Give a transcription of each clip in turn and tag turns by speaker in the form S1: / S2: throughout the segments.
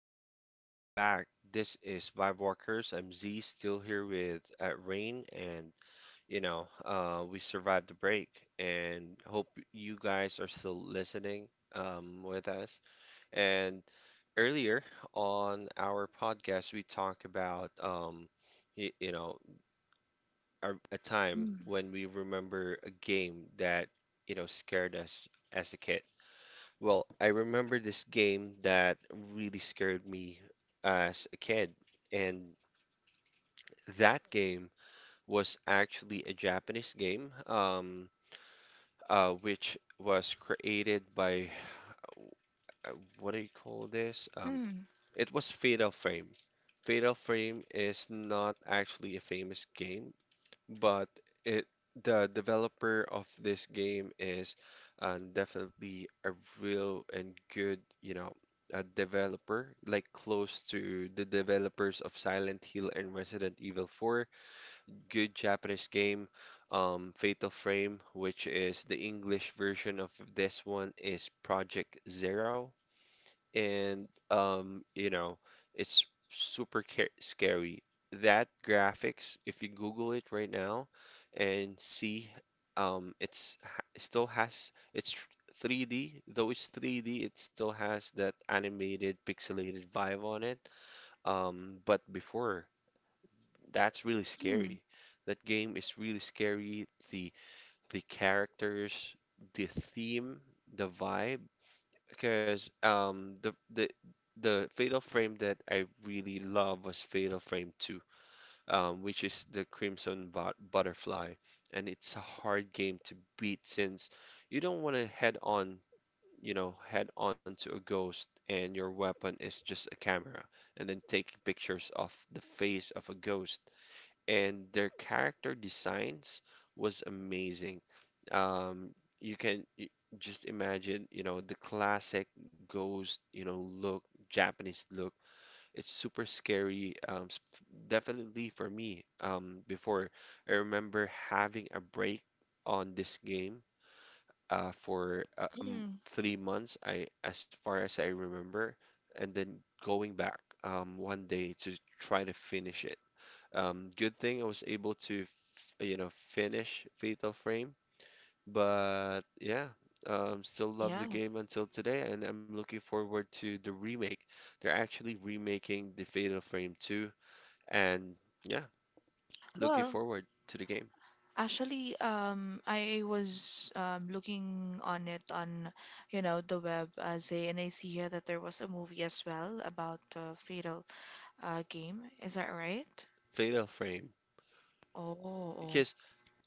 S1: guys, and we are back. This is Vibe Walkers. I'm Z, still here with Rain, and we survived the break, and hope you guys are still listening with us. And earlier on our podcast, we talked about you, you know, a time
S2: Mm,
S1: when we remember a game that scared us as a kid. Well, I remember this game that really scared me as a kid, and that game was actually a Japanese game, which was created by uh, what do you call this?
S2: mm,
S1: It was Fatal Frame. Fatal Frame is not actually a famous game. But it the developer of this game is definitely a real and good, you know, a developer, like close to the developers of Silent Hill and Resident Evil 4. Good Japanese game, Fatal Frame, which is the English version of this one, is Project Zero. And it's scary. That graphics, if you Google it right now and see, it still has 3D. Though it's 3D, it still has that animated, pixelated vibe on it. But before, that's really
S2: mm,
S1: scary. That game is really scary. The characters, the theme, the vibe. Because the Fatal Frame that I really love was Fatal Frame 2, which is the Crimson Butterfly, and it's a hard game to beat since you don't want to head on, you know, head on to a ghost and your weapon is just a camera and then taking pictures of the face of a ghost, and their character designs was amazing. Um, you can y- just imagine, you know, the classic ghost, you know, look, Japanese look. It's super scary. Definitely for me, before, I remember having a break on this game for
S2: mm.
S1: 3 months, I as far as I remember, and then going back one day to try to finish it. Good thing I was able to, f you know, finish Fatal Frame. But yeah, still love the
S2: Yeah.
S1: game until today, and I'm looking forward to the remake. They're actually remaking the Fatal Frame 2, and yeah, looking
S2: Well,
S1: forward to the game.
S2: actually, I was looking on it on, the web as a, and I see here that there was a movie as well about Fatal Game. Is that right?
S1: Fatal Frame.
S2: Oh, oh,
S1: Because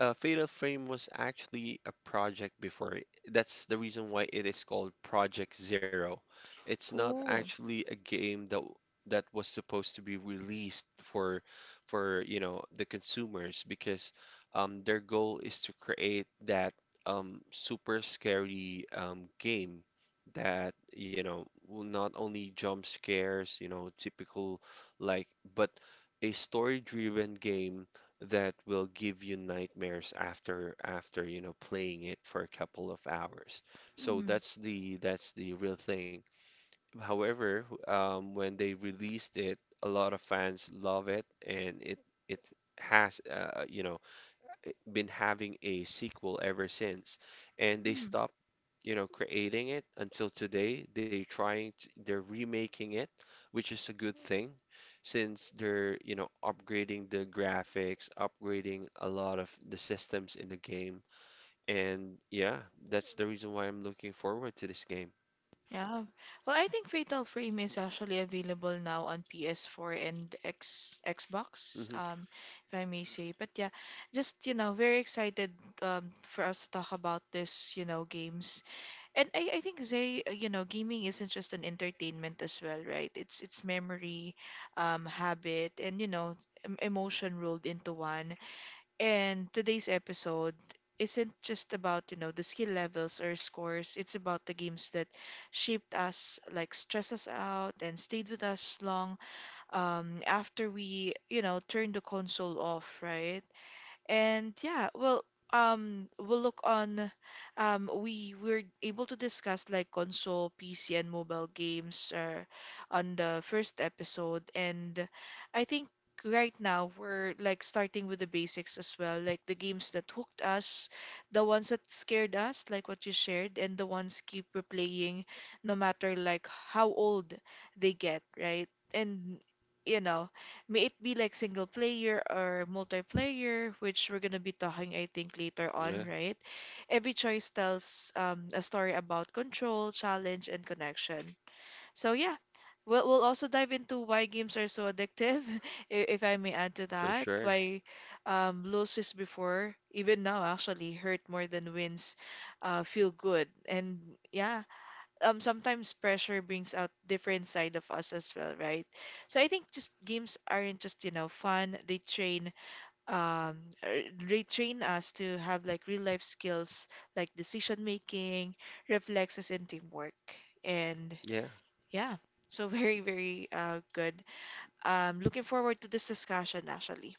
S1: Fatal Frame was actually a project before. That's the reason why it is called Project Zero. It's not
S2: oh.
S1: actually a game that was supposed to be released for you know the consumers because their goal is to create that super scary game that you know will not only jump scares, you know, typical like, but a story-driven game that will give you nightmares after you know playing it for a couple of hours. So
S2: Mm,
S1: that's the real thing. However, when they released it, a lot of fans love it, and it has you know been having a sequel ever since, and they
S2: mm.
S1: stopped, you know, creating it until today. They're remaking it, which is a good thing, since they're, you know, upgrading the graphics, upgrading a lot of the systems in the game, and yeah, that's the reason why I'm looking forward to this game.
S2: Yeah. Well, I think Fatal Frame is actually available now on PS4 and X Xbox,
S1: Hmm.
S2: if I may say. But yeah, just very excited for us to talk about this, games. And I think Zay, gaming isn't just an entertainment as well, right? It's memory, habit, and emotion rolled into one. And today's episode isn't just about, the skill levels or scores. It's about the games that shaped us, like stress us out and stayed with us long after we, turned the console off, right? And yeah, well, we'll look on. We were able to discuss like console, PC, and mobile games on the first episode, and I think right now we're like starting with the basics as well, like the games that hooked us, the ones that scared us, like what you shared, and the ones keep replaying, no matter like how old they get, right? And you know. May it be like single player or multiplayer, which we're gonna be talking, I think, later on,
S1: Yeah,
S2: right? Every choice tells a story about control, challenge, and connection. So yeah, we'll also dive into why games are so addictive, if I may add to
S1: for
S2: that.
S1: sure.
S2: Why losses before, even now actually, hurt more than wins, feel good, and yeah, sometimes pressure brings out different side of us as well, right? So I think just games aren't just, fun. They um train us to have like real life skills like decision making, reflexes and teamwork. And
S1: Yeah.
S2: yeah, so very, very good. Looking forward to this discussion actually.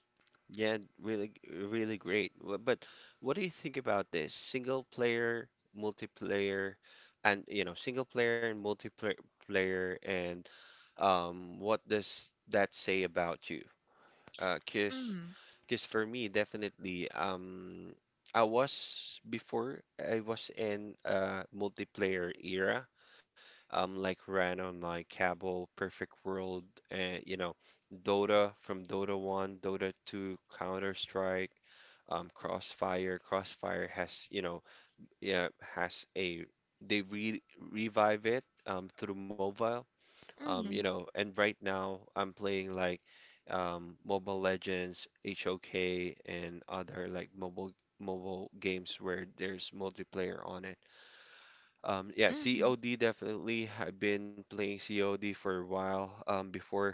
S1: Yeah, really, really great. But what do you think about this? Single player, multiplayer, and you know, single player and multiplayer player and what does that say about you? Uh, cause,
S2: Mm.
S1: 'cause for me, definitely, I was in a multiplayer era like ran on like Cabal, Perfect World, and you know, Dota, from Dota 1, Dota 2, Counter-Strike, Crossfire. Crossfire has, you know, yeah, has a they re revive it through mobile. You
S2: Mm,
S1: know, and right now I'm playing like Mobile Legends, HOK, and other like mobile games where there's multiplayer on it. Yeah,
S2: mm,
S1: COD definitely. I've been playing COD for a while before,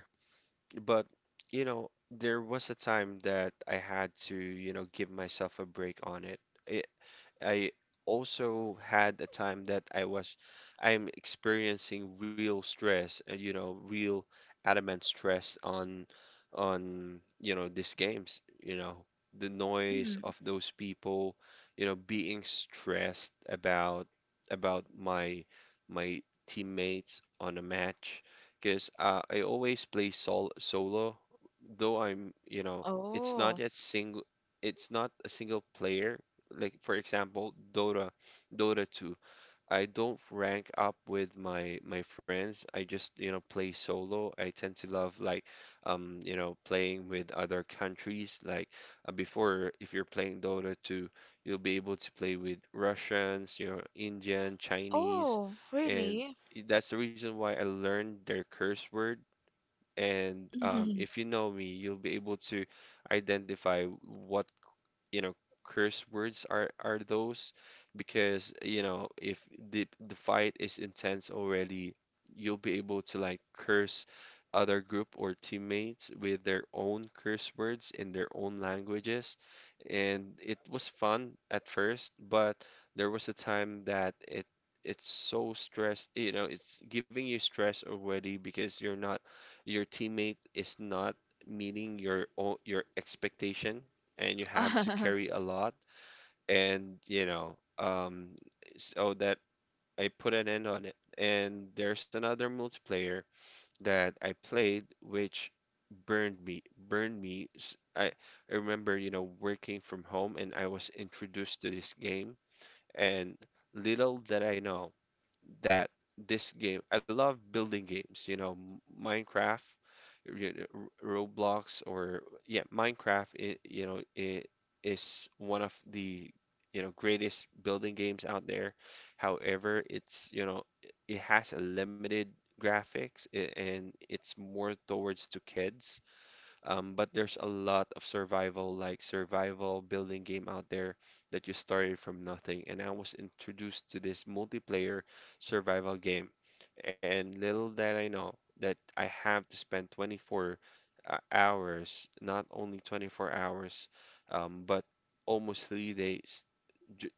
S1: but you know, there was a time that I had to, you know, give myself a break on it. I I also had a time that I'm experiencing real stress, you know, real adamant stress on you know these games, you know, the noise
S2: mm.
S1: of those people, you know, being stressed about about my teammates on a match because I always play solo, though I'm, you know, it's not
S2: Oh.
S1: a single it's not a single player, like for example, Dota, Dota 2. I don't rank up with my friends. I just, you know, play solo. I tend to love like you know, playing with other countries. Like before, if you're playing Dota 2, you'll be able to play with Russians, you know, Indian, Chinese,
S2: Oh,
S1: and
S2: really?
S1: that's the reason why I learned their curse word. And
S2: Mm.
S1: if you know me, you'll be able to identify what you know curse words are those, because you know if the fight is intense already, you'll be able to like curse other group or teammates with their own curse words in their own languages, and it was fun at first, but there was a time that it's so stressed, you know, it's giving you stress already because you're not, your teammate is not meeting your expectation, and you have to carry a lot, and you know, so that I put an end on it. And there's another multiplayer that I played which burned me burned me. I remember, you know, working from home and I was introduced to this game, and little that I know that, this game, I love building games, you know, Minecraft, you know, Roblox, or yeah, Minecraft, I you know, it is one of the, you know, greatest building games out there. However, it's, you know, it has a limited graphics, and it's more towards to kids. But there's a lot of survival, like survival building game out there that you started from nothing. And I was introduced to this multiplayer survival game. And little that I know that I have to spend 24 hours, not only 24 hours, but almost 3 days, j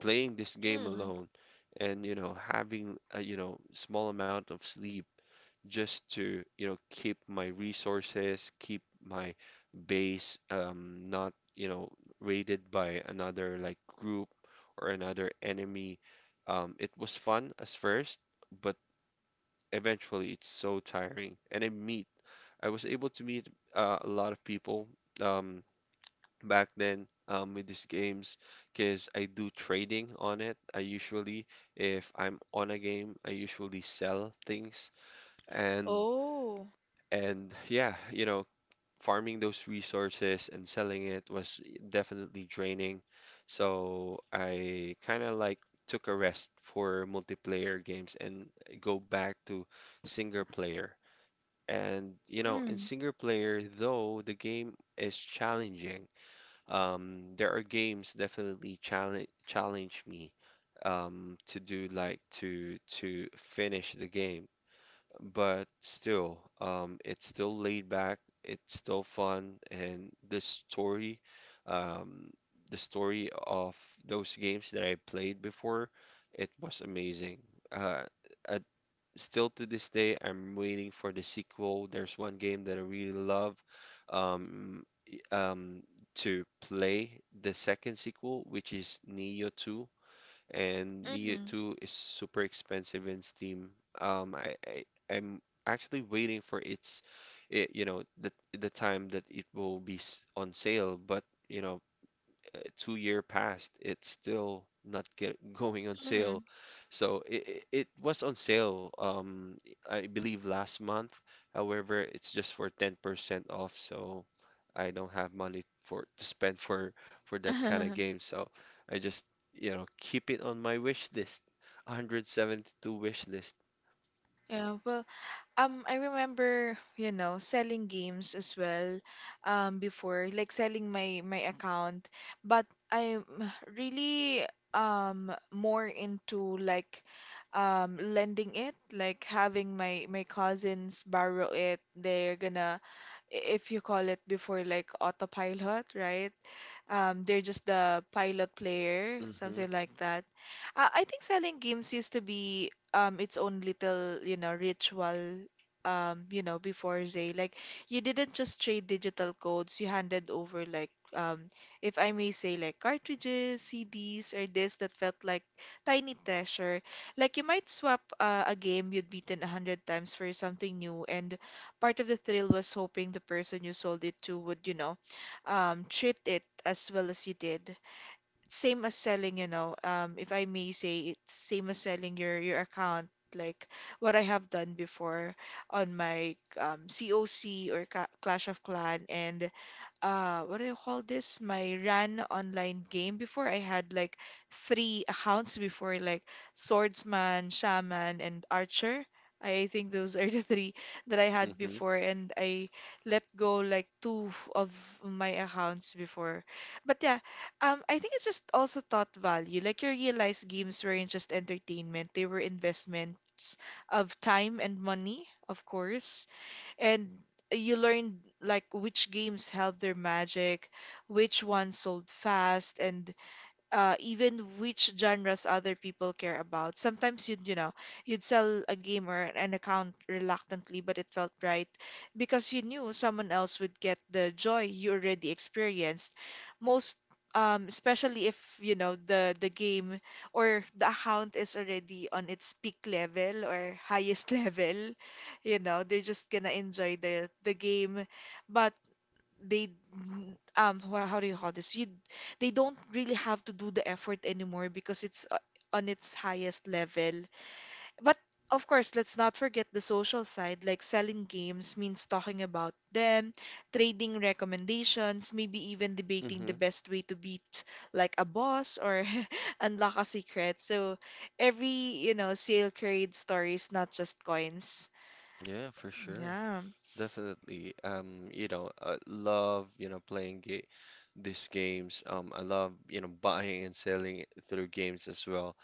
S1: playing this game alone and, you know, having a, you know, small amount of sleep just to, you know, keep my resources, keep my base not, you know, raided by another like group or another enemy. It was fun as first, but eventually it's so tiring. And I was able to meet a lot of people um, back then with these games, because I do trading on it. I usually, if I'm on a game, I usually sell things, and
S2: Oh.
S1: and yeah, you know, farming those resources and selling it was definitely draining. So I kind of like took a rest for multiplayer games and go back to single player. And you know, in
S2: Mm,
S1: single player, though the game is challenging, there are games definitely challenge me to do, like to finish the game, but still, it's still laid back, it's still fun, and um, the story of those games that I played before, it was amazing. Uh, uh, Still to this day, I'm waiting for the sequel. There's one game that I really love, um, y- um, to play the second sequel, which is Neo 2, and Neo
S2: mm,
S1: 2 is super expensive in Steam. I'm actually waiting for you know, the time that it will be on sale, but you know, 2 year passed, it's still not get, going on sale. So it was on sale, I believe last month. However, it's just for 10% off, so I don't have money for to spend for that kind of
S2: mm.
S1: game. So I just, you know, keep it on my wish list. 172 wish list.
S2: Yeah, well, I remember, selling games as well, before, like selling my account, but I'm really more into like lending it, like having my cousins borrow it. They're gonna, if you call it before, like autopilot, right? They're just the pilot player,
S1: Mm-hmm,
S2: something like that. I think selling games used to be its own little, ritual. Before Zay, like you didn't just trade digital codes. You handed over like if I may say, like cartridges, CDs, or this that felt like tiny treasure. Like you might swap a game you'd beaten a hundred times for something new, and part of the thrill was hoping the person you sold it to would, treat it as well as you did. Same as selling, if I may say, it's same as selling your account. Like what I have done before on my COC or Ca Clash of Clan, and what do you call this? My Ran online game before I had like three accounts before like Swordsman, Shaman, and Archer. I think those are the three that I had
S1: mm-hmm,
S2: before and I let go like two of my accounts before. But yeah, I think it's just also thought value. Like you realize games weren't just entertainment, they were investments of time and money, of course, and you learned like which games held their magic, which ones sold fast, and even which genres other people care about. Sometimes you'd sell a game or an account reluctantly, but it felt right because you knew someone else would get the joy you already experienced. Most, especially if, the game or the account is already on its peak level or highest level, they're just gonna enjoy the game. But they how do you call this, you they don't really have to do the effort anymore because it's on its highest level, but of course let's not forget the social side, like selling games means talking about them, trading recommendations, maybe even debating
S1: mm-hmm.
S2: the best way to beat like a boss or unlock a secret, so every sale creates stories, not just coins.
S1: Yeah, for sure.
S2: Yeah.
S1: Definitely. You know, I love, you know, playing ga these games. I love, you know, buying and selling it through games as well.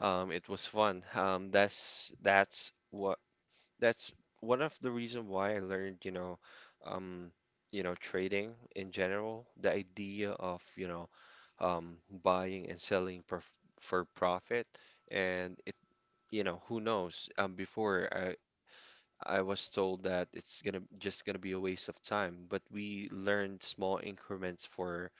S1: It was fun. That's one of the reason why I learned, um, you know, trading in general, the idea of, you know, buying and selling for profit. And you know, who knows? Before I was told that it's gonna just gonna be a waste of time, but we learned small increments for,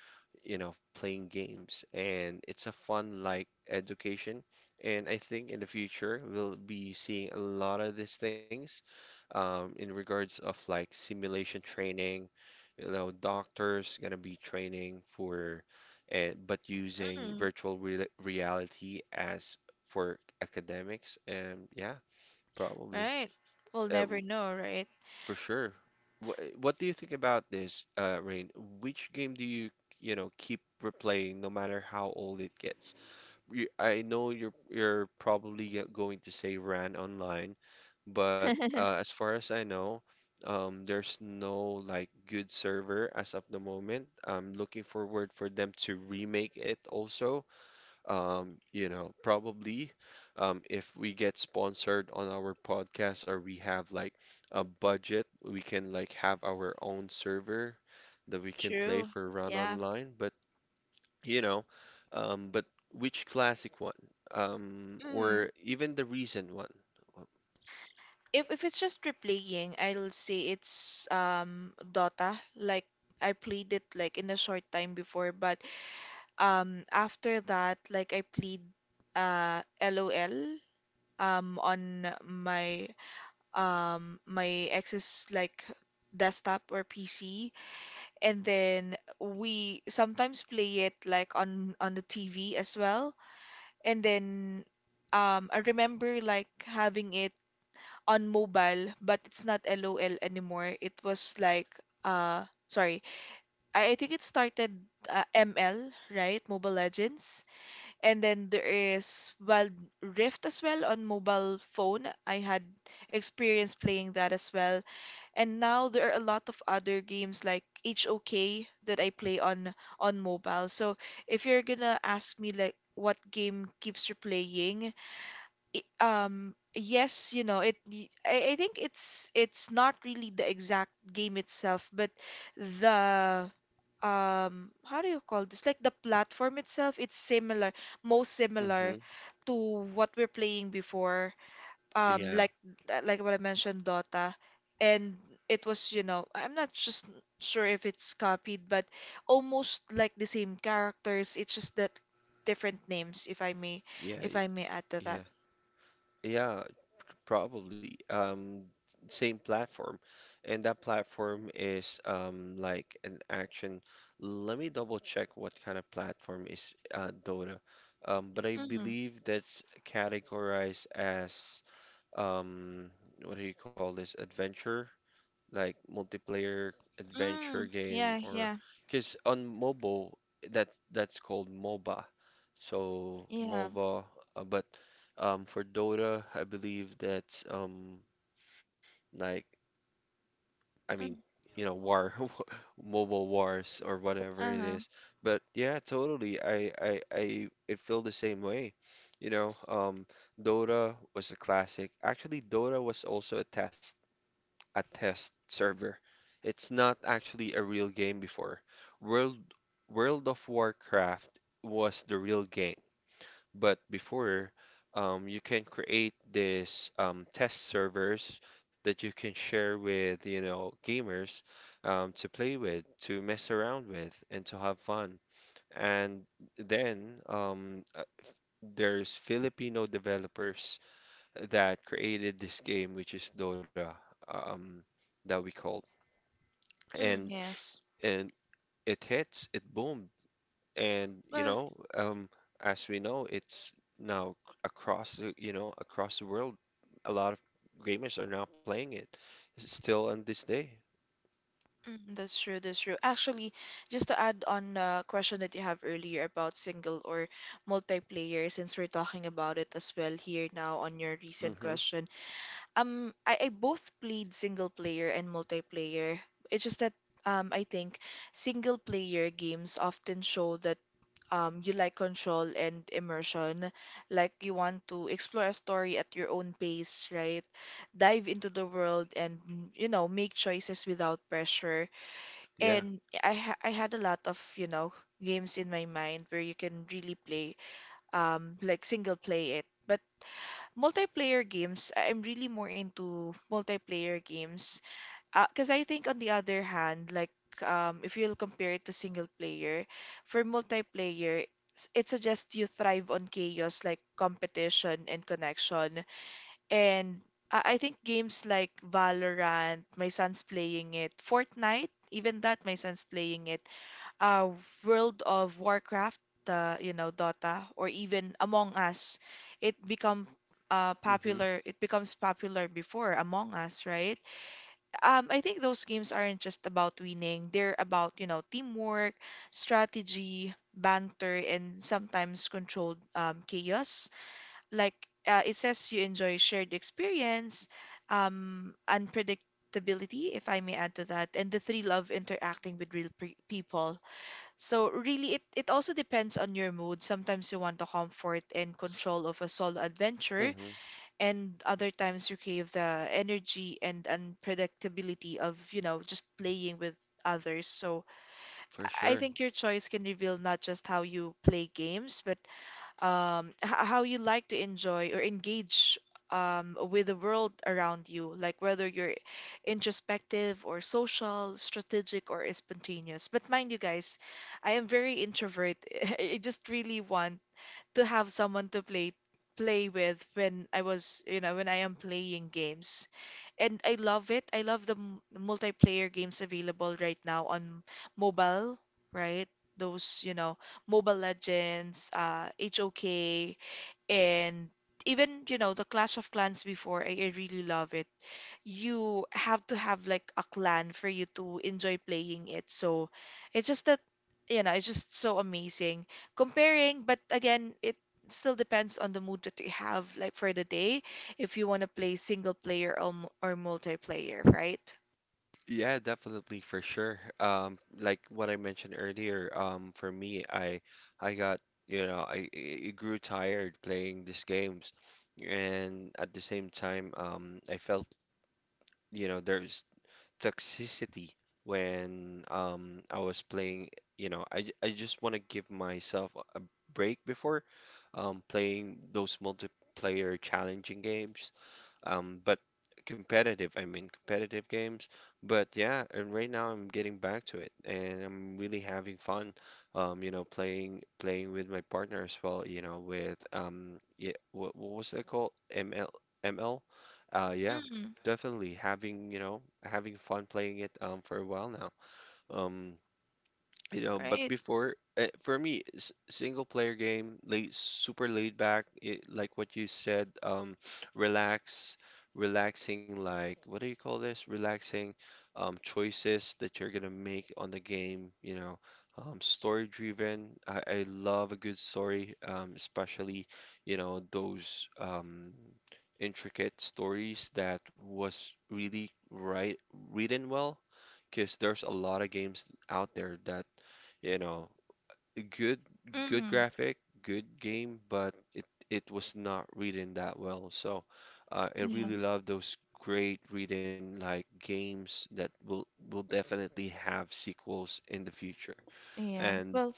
S1: you know, playing games, and it's a fun like education. And I think in the future we'll be seeing a lot of these things, in regards of like simulation training, you know, doctors gonna be training for, and but using
S2: Mm.
S1: virtual re reality as for academics, and yeah. Probably.
S2: Right, we'll
S1: Uh, w-
S2: never know, right?
S1: for sure. What do you think about this, Rain? Which game do you, keep replaying no matter how old it gets? I know you're probably going to say Ran Online, but as far as I know, there's no like good server as of the moment. I'm looking forward for them to remake it also. Probably if we get sponsored on our podcast or we have like a budget, we can like have our own server that we can play
S2: True.
S1: for run
S2: Yeah.
S1: online. But you know, but which classic one?
S2: Mm.
S1: Or even the recent one?
S2: If it's just replaying, I'll say it's Dota. Like I played it like in a short time before, but after that, like I played LOL on my ex's like desktop or PC, and then we sometimes play it like on the TV as well, and then I remember like having it on mobile, but it's not LOL anymore. It was like sorry. I think it started ML, right? Mobile Legends. And then there is Wild Rift as well on mobile phone. I had experience playing that as well. And now there are a lot of other games like HOK that I play on mobile. So if you're gonna ask me like what game keeps you playing, I think it's not really the exact game itself but the how do you call this, like the platform itself. It's similar, most
S1: Mm-hmm.
S2: similar to what we're playing before, um
S1: Yeah,
S2: like like what I mentioned, Dota. And it was, I'm not just sure if it's copied but almost like the same characters. It's just that different names, if I may
S1: yeah,
S2: if I may add to that.
S1: yeah, yeah. Probably same platform, and that platform is like an action, let me double check what kind of platform is Dota. But I believe that's categorized as, um what do you call this, adventure, like multiplayer adventure
S2: Mm,
S1: game,
S2: yeah,
S1: or,
S2: yeah,
S1: because on mobile, that's called MOBA. So
S2: yeah.
S1: MOBA, but for Dota, I believe that's, like I mean
S2: Mm,
S1: you know, war, mobile wars or whatever it
S2: uh-huh.
S1: is. But yeah, totally. It feel the same way. You know, Dota was a classic. Actually, Dota was also a test server. It's not actually a real game before. World World of Warcraft was the real game, but before, you can create this, test servers that you can share with, you know, gamers, to play with, to mess around with, and to have fun. And then, there's Filipino developers that created this game, which is Dota, um, that we call.
S2: Mm,
S1: and
S2: yes.
S1: and it hits, it boomed, and you
S2: Well,
S1: know, as we know, it's now across the- you know, across the world, a lot of gamers are now playing it, still on this day.
S2: that's true, that's true. Actually, just to add on the question that you have earlier about single or multiplayer, since we're talking about it as well here now on your recent
S1: Hmm.
S2: question, I both played single player and multiplayer. It's just that I think single player games often show the you like control and immersion, like you want to explore a story at your own pace, right? Dive into the world and, make choices without pressure.
S1: Yeah.
S2: And I had a lot of, games in my mind where you can really play, like single play it. But multiplayer games, I'm really more into multiplayer games because I think on the other hand, like if you'll compare it to single player, for multiplayer, it suggests you thrive on chaos like competition and connection. And I think games like Valorant, my son's playing it, Fortnite, even that my son's playing it, uh, World of Warcraft, Dota, or even Among Us, it become
S1: Hmm.
S2: popular. It becomes popular before Among Us, right? I think those games aren't just about winning. They're about, teamwork, strategy, banter, and sometimes controlled chaos. Like it says you enjoy shared experience, unpredictability, if I may add to that, and the thrill of interacting with real people. So really, it also depends on your mood. Sometimes you want the comfort and control of a solo adventure
S1: Hmm.
S2: and other times you crave the energy and unpredictability of, just playing with others. So I
S1: For
S2: I
S1: sure.
S2: think your choice can reveal not just how you play games, but how you like to enjoy or engage with the world around you, like whether you're introspective or social, strategic or spontaneous. But mind you guys, I am very introvert. I just really want to have someone to play with when I was, you know, when I am playing games. And I love it. I love the multiplayer games available right now on mobile, right? Those, Mobile Legends, HOK, and even the Clash of Clans before I really love it. You have to have like a clan for you to enjoy playing it, so it's just that, it's just so amazing comparing, but again it still depends on the mood that you have, like for the day, if you want to play single player or multiplayer, right?
S1: Yeah, definitely for sure. Like what I mentioned earlier, for me, I got, you know, I grew tired playing these games, and at the same time, I felt, you know, there's toxicity when I was playing, you know, I just want to give myself a break before playing those multiplayer challenging games, but competitive, I mean competitive games. But yeah, and right now I'm getting back to it and I'm really having fun, you know, playing with my partner as well, you know, with yeah, what was that called? ML. ML? Yeah,
S2: Mm.
S1: definitely having, you know, having fun playing it for a while now. Um, you know, but
S2: Right.
S1: before, for me, single player game, late super laid back it, like what you said. Relax, relaxing, like what do you call this, relaxing choices that you're gonna make on the game, you know, story driven. I love a good story, um, especially, you know, those intricate stories that was really written well, because there's a lot of games out there that, you know, good good
S2: Mm.
S1: graphic, good game, but it was not written that well. So I
S2: Yeah.
S1: really love those great written like games that will definitely have sequels in the future.
S2: Yeah,
S1: And
S2: well,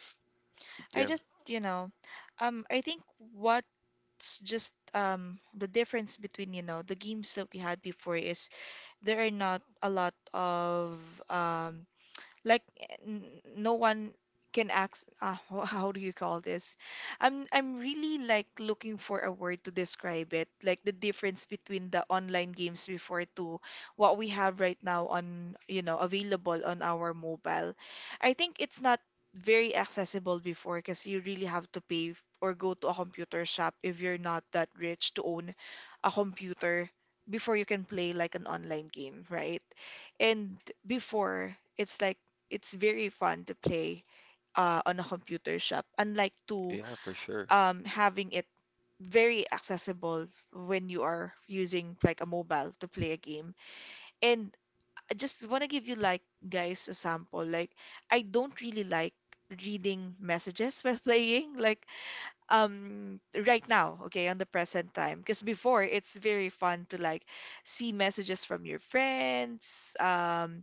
S2: I
S1: yeah,
S2: just, I think what it's just, the difference between, the games that we had before is there are not a lot of, um like, n- no one can ask, how do you call this? I'm really like looking for a word to describe it, like the difference between the online games before to what we have right now on, available on our mobile. I think it's not very accessible before, because you really have to pay, or go to a computer shop if you're not that rich to own a computer before you can play like an online game, right? And before it's like, it's very fun to play, on a computer shop, unlike to,
S1: yeah, for sure.
S2: having it very accessible when you are using like a mobile to play a game. And I just want to give you like guys a sample. Like I don't really like reading messages while playing, like, um right now, okay, on the present time, because before it's very fun to like see messages from your friends, um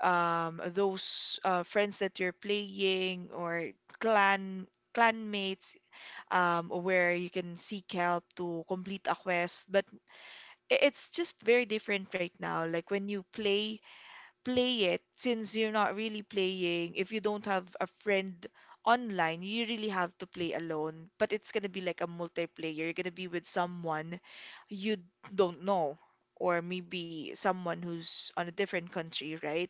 S2: um, those, friends that you're playing, or clan clanmates, where you can seek help to complete a quest. But it's just very different right now. Like when you play it, since you're not really playing, if you don't have a friend online, you really have to play alone. But it's gonna be like a multiplayer. You're gonna be with someone you don't know. Or maybe someone who's on a different country, right?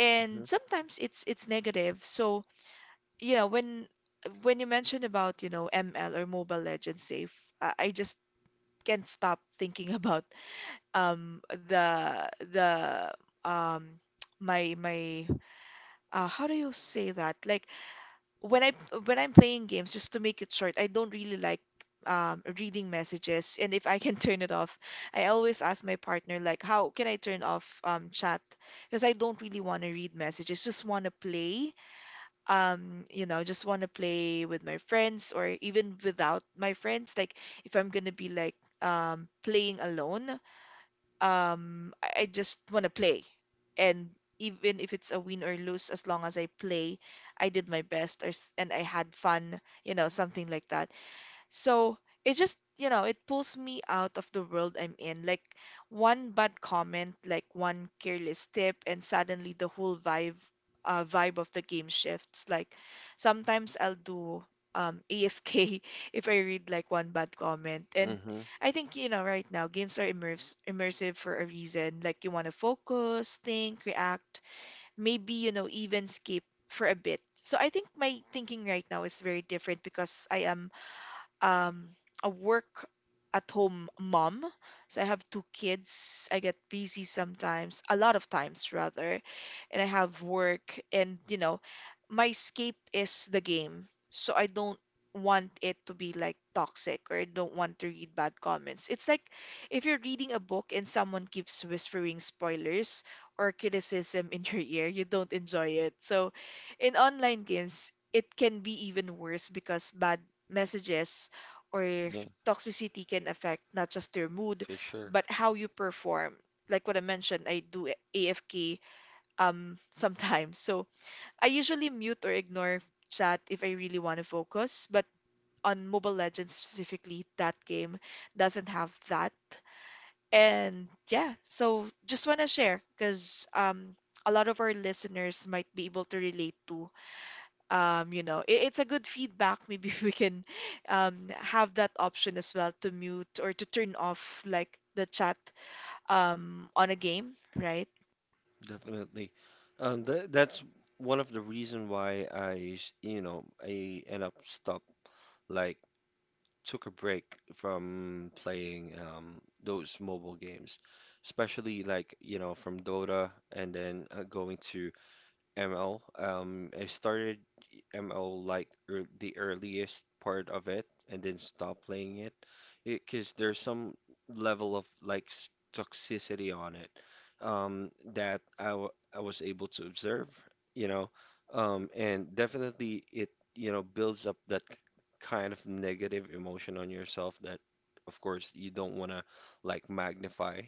S2: And
S1: Mhm.
S2: sometimes it's negative. So, you know, when when you mentioned about, ML or Mobile Legends safe, I just can't stop thinking about, the um my my how do you say that? Like when I when I'm playing games, just to make it short, I don't really like, reading messages, and if I can turn it off, I always ask my partner like how can I turn off, chat, because I don't really want to read messages, just want to play, just want to play with my friends or even without my friends, like if I'm gonna be like, playing alone, I just want to play. And even if it's a win or lose, as long as I play, I did my best, or, and I had fun, something like that. So it just, it pulls me out of the world I'm in. Like one bad comment, like one careless tip, and suddenly the whole vibe of the game shifts. Like sometimes I'll do, AFK if I read like one bad comment. And
S1: Hmm.
S2: I think, right now games are immerse immersive for a reason. Like you want to focus, think, react, maybe, even skip for a bit. So I think my thinking right now is very different, because I am, um, a work at home mom. So I have two kids. I get busy sometimes, a lot of times rather, and I have work, and, my escape is the game. So I don't want it to be like toxic, or I don't want to read bad comments. It's like if you're reading a book and someone keeps whispering spoilers or criticism in your ear, you don't enjoy it. So in online games, it can be even worse, because bad messages or
S1: Yeah,
S2: toxicity can affect not just your mood,
S1: for sure.
S2: but how you perform. Like what I mentioned, I do AFK, sometimes. So I usually mute or ignore chat if I really want to focus, but on Mobile Legends specifically, that game doesn't have that. And yeah, so just want to share because, a lot of our listeners might be able to relate to, it's a good feedback. Maybe we can, have that option as well to mute or to turn off like the chat, on a game, right?
S1: Definitely. Th that's one of the reason why you know, I end up stop, like took a break from playing, those mobile games, especially like, you know, from Dota and then, going to ML. I started ML like ear the earliest part of it and then stopped playing it, because there's some level of like toxicity on it, that I was able to observe, you know, and definitely it, you know, builds up that kind of negative emotion on yourself that, of course, you don't want to like magnify.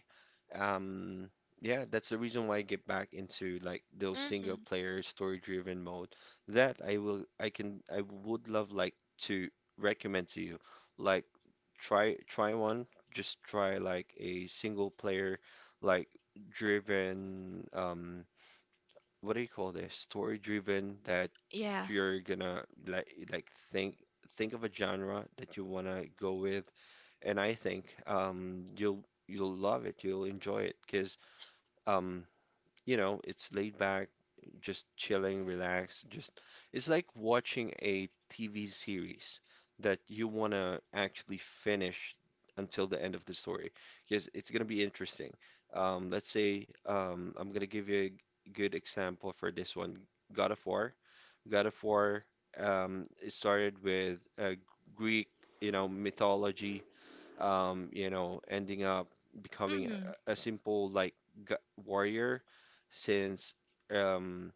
S1: Um, yeah, that's the reason why I get back into like those single
S2: Mm.
S1: player story driven mode. That I will I can I would love like to recommend to you. Like try one, just try like a single player like driven what do you call this? Story driven that
S2: Yeah.
S1: you're gonna like think of a genre that you wanna go with, and I think you'll love it, you'll enjoy it, because um you know, it's laid back, just chilling, relaxed, just it's like watching a TV series that you want to actually finish until the end of the story, because it's going to be interesting. Let's say, I'm going to give you a good example for this one, God of War. God of War it started with Greek, you know, mythology, you know, ending up becoming
S2: Mm.
S1: a simple like g warrior, since, um,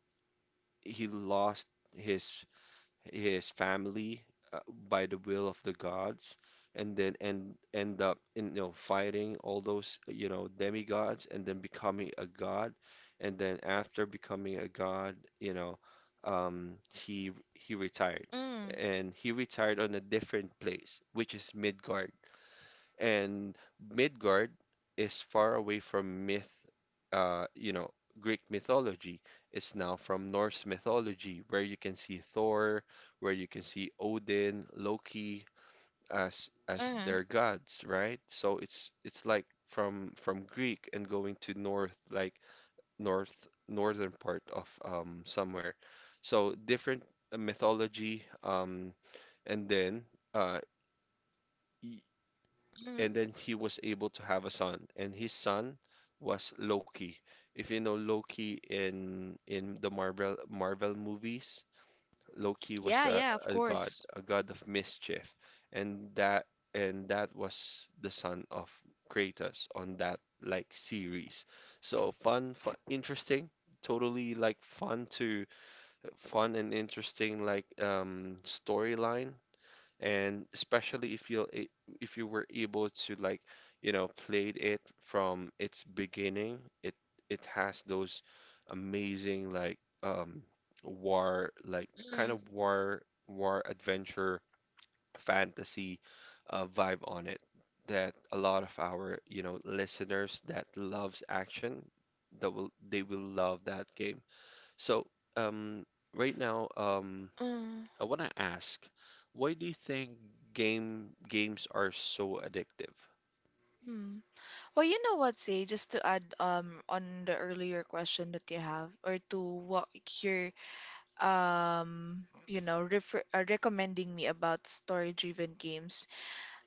S1: he lost his his family, uh, by the will of the gods, and then end up in, you know, fighting all those, you know, demigods, and then becoming a god, and then after becoming a god, you know, he retired.
S2: Mm.
S1: And he retired on a different place, which is Midgard. And Midgard is far away from myth, you know, Greek mythology. It's now from Norse mythology, where you can see Thor, where you can see Odin, Loki as
S2: Mm.
S1: their gods, right? So it's like from Greek and going to north, like northern part of somewhere. So different mythology, and then uh, y-
S2: Mm.
S1: and then he was able to have a son, and his son was Loki. If you know Loki in the Marvel movies, Loki was
S2: Yeah, yeah, of course.
S1: a god of mischief, and that was the son of Kratos on that like series. So fun, fun, interesting, totally like fun and interesting like storyline, and especially if you, if you were able to like, you know, played it from its beginning, it has those amazing like war, like kind
S2: Mm.
S1: of war adventure, fantasy, vibe on it, that a lot of our, you know, listeners that loves action, that will they will love that game. So um right now,
S2: Mm.
S1: I want to ask, why do you think games are so addictive?
S2: Mm. Well, you know what, Say, just to add, on the earlier question that you have, or to what you're, refer recommending me about story-driven games.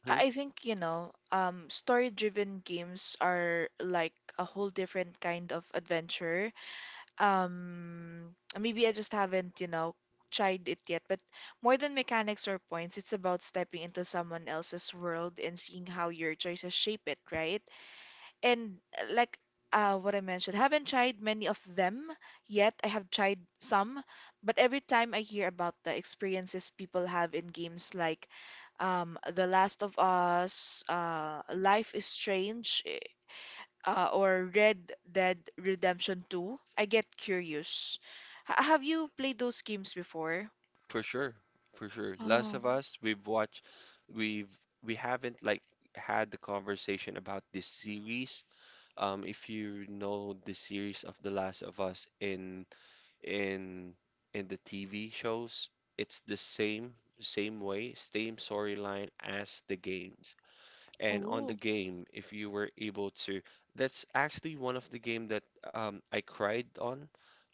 S1: Hmm?
S2: I think, story-driven games are like a whole different kind of adventure. Maybe I just haven't, tried it yet, but more than mechanics or points, it's about stepping into someone else's world and seeing how your choices shape it, right? And, like, what I mentioned, haven't tried many of them yet. I have tried some, but every time I hear about the experiences people have in games like, The Last of Us, Life is Strange, or Red Dead Redemption 2, I get curious. Have you played those games before?
S1: For sure, for sure. Last
S2: Oh.
S1: of Us, we've watched, we've we haven't like had the conversation about this series. If you know the series of The Last of Us in in in the TV shows, it's the same way, same storyline as the games. And on the
S2: Oh.
S1: game, if you were able to, that's actually one of the game that, I cried on,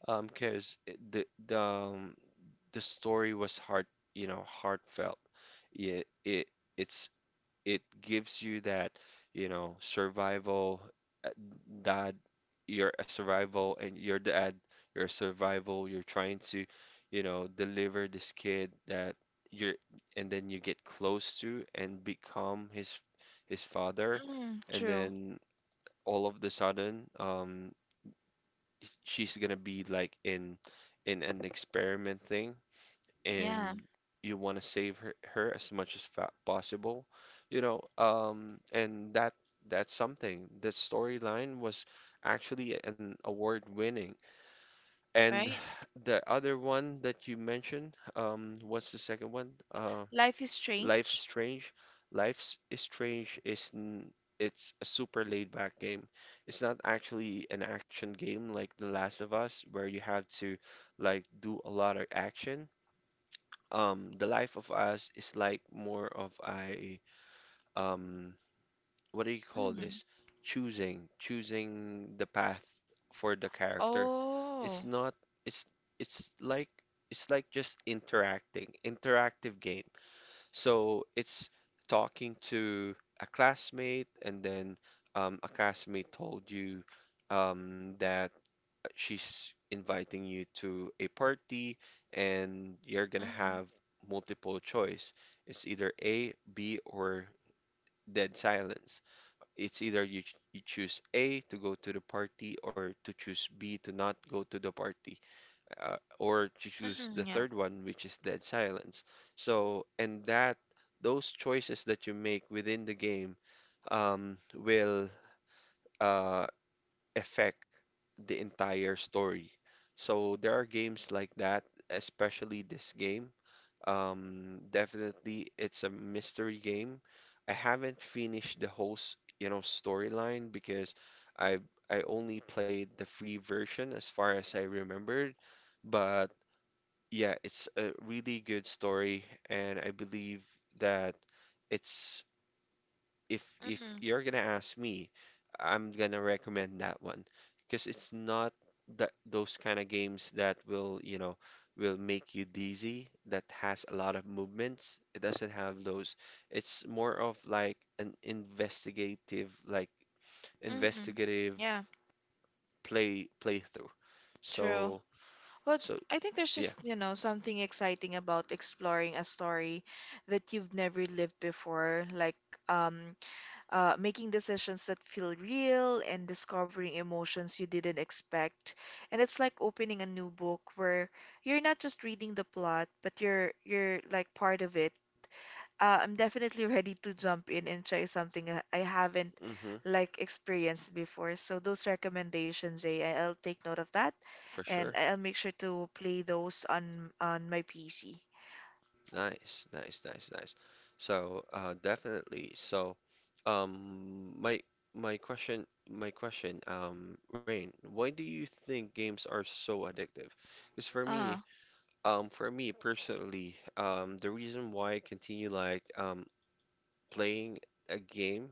S1: 'cause because the the story was heart you know, heartfelt, yeah, it's it gives you that, you know, survival, uh, dad, you're a survival and your dad, you're a survival, you're trying to, you know, deliver this kid that you're and then you get close to and become his father,
S2: Mm.
S1: and
S2: True.
S1: then all of the sudden, um, she's gonna be like in an experiment thing,
S2: Yeah.
S1: and you want to save her as much as fa possible, you know. And that's something. The storyline was actually an award-winning. And
S2: Right.
S1: the other one that you mentioned, what's the second one?
S2: Life is
S1: Life is
S2: Strange?
S1: Strange. Is n it's a super laid back game. It's not actually an action game like The Last of Us where you have to like do a lot of action. Um, the life of us is like more of a, um, what do you call
S2: Mm.
S1: this? Choosing the path for the character. It's
S2: Oh.
S1: not it's it's like, it's like just interacting, interactive game. So it's talking to a classmate, and then, a classmate told you, that she's inviting you to a party, and you're gonna
S2: Mm.
S1: have multiple choice. It's either A, B, or dead silence. It's either you choose A to go to the party, or to choose B to not go to the party, or to choose
S2: Mm.
S1: the
S2: Yeah.
S1: third one, which is dead silence. So, and that, those choices that you make within the game, will, uh, affect the entire story. So there are games like that, especially this game. Definitely, it's a mystery game. I haven't finished the whole, you know, storyline, because I I only played the free version as far as I remembered. But yeah, it's a really good story, and I believe that it's, if
S2: Mm.
S1: you're gonna ask me, I'm gonna recommend that one, because it's not that those kind of games that will, you know, will make you dizzy, that has a lot of movements. It doesn't have those. It's more of like an investigative, like
S2: Mm.
S1: investigative
S2: Yeah.
S1: playthrough.
S2: True.
S1: So
S2: But
S1: so
S2: I think there's
S1: yeah,
S2: just, something exciting about exploring a story that you've never lived before, like, um, making decisions that feel real and discovering emotions you didn't expect. And it's like opening a new book where you're not just reading the plot, but you're like part of it. I'm definitely ready to jump in and try something that I haven't
S1: mm-hmm,
S2: like experienced before. So those recommendations, I'll take note of that,
S1: for sure.
S2: and I'll make sure to play those on my PC.
S1: Nice, nice, nice, nice. So, definitely. So, um, my my question, Rain, why do you think games are so addictive? Because
S2: Ah.
S1: for me personally, the reason why I continue like playing a game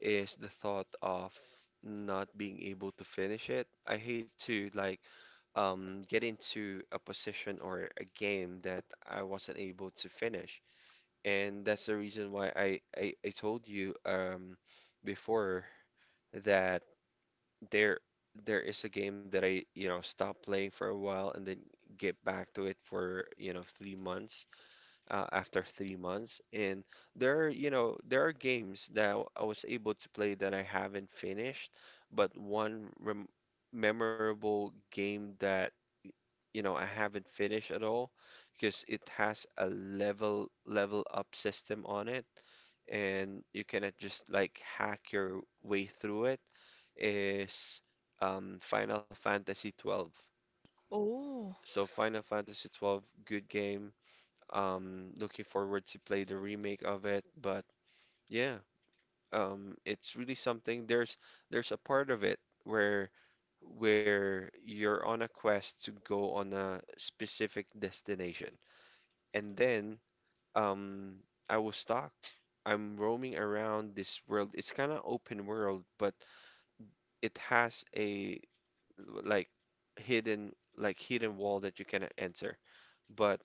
S1: is the thought of not being able to finish it. I hate to like get into a position or a game that I wasn't able to finish. And that's the reason why I told you before that there there is a game that I, you know, stopped playing for a while and then get back to it for, you know, 3 months after 3 months. And there are, you know, there are games that I was able to play that I haven't finished, but one rem memorable game that, you know, I haven't finished at all because it has a level up system on it, and you cannot just like hack your way through it is Final Fantasy 12.
S2: Oh.
S1: So Final Fantasy 12, good game. Looking forward to play the remake of it, but yeah, it's really something. There's a part of it where you're on a quest to go on a specific destination. And then um, I was stuck. I'm roaming around this world. It's kind of open world, but it has a like hidden wall that you cannot enter. But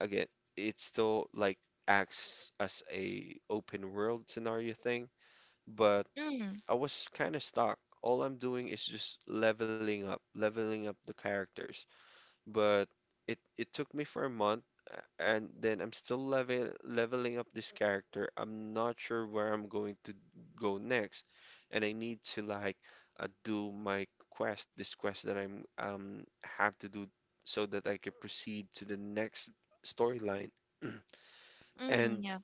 S1: again, it still like acts as a open world scenario thing, but
S2: Mm.
S1: I was kind of stuck. All I'm doing is just leveling up the characters. But it took me for a month, and then I'm still leveling up this character. I'm not sure where I'm going to go next, and I need to do my quest, this quest that I'm have to do so that I can proceed to the next storyline.
S2: Mm.
S1: And
S2: Yeah.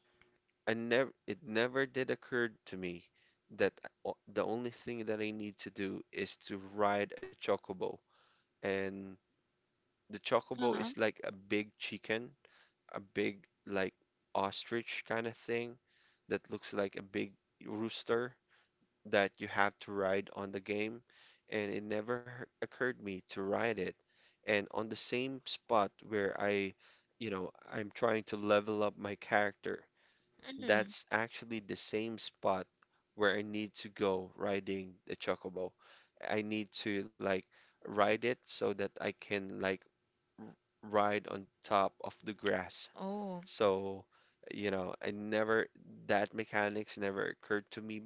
S1: I never, It never did occur to me that the only thing that I need to do is to ride a chocobo. And the chocobo
S2: Uh-huh.
S1: is like a big chicken, a big like ostrich kind of thing that looks like a big rooster that you have to ride on the game. And it never occurred me to ride it. And on the same spot where I, you know, I'm trying to level up my character,
S2: Mm.
S1: that's actually the same spot where I need to go riding the chocobo. I need to like ride it so that I can r- ride on top of the grass
S2: Oh.
S1: so, you know, I never, that mechanics never occurred to me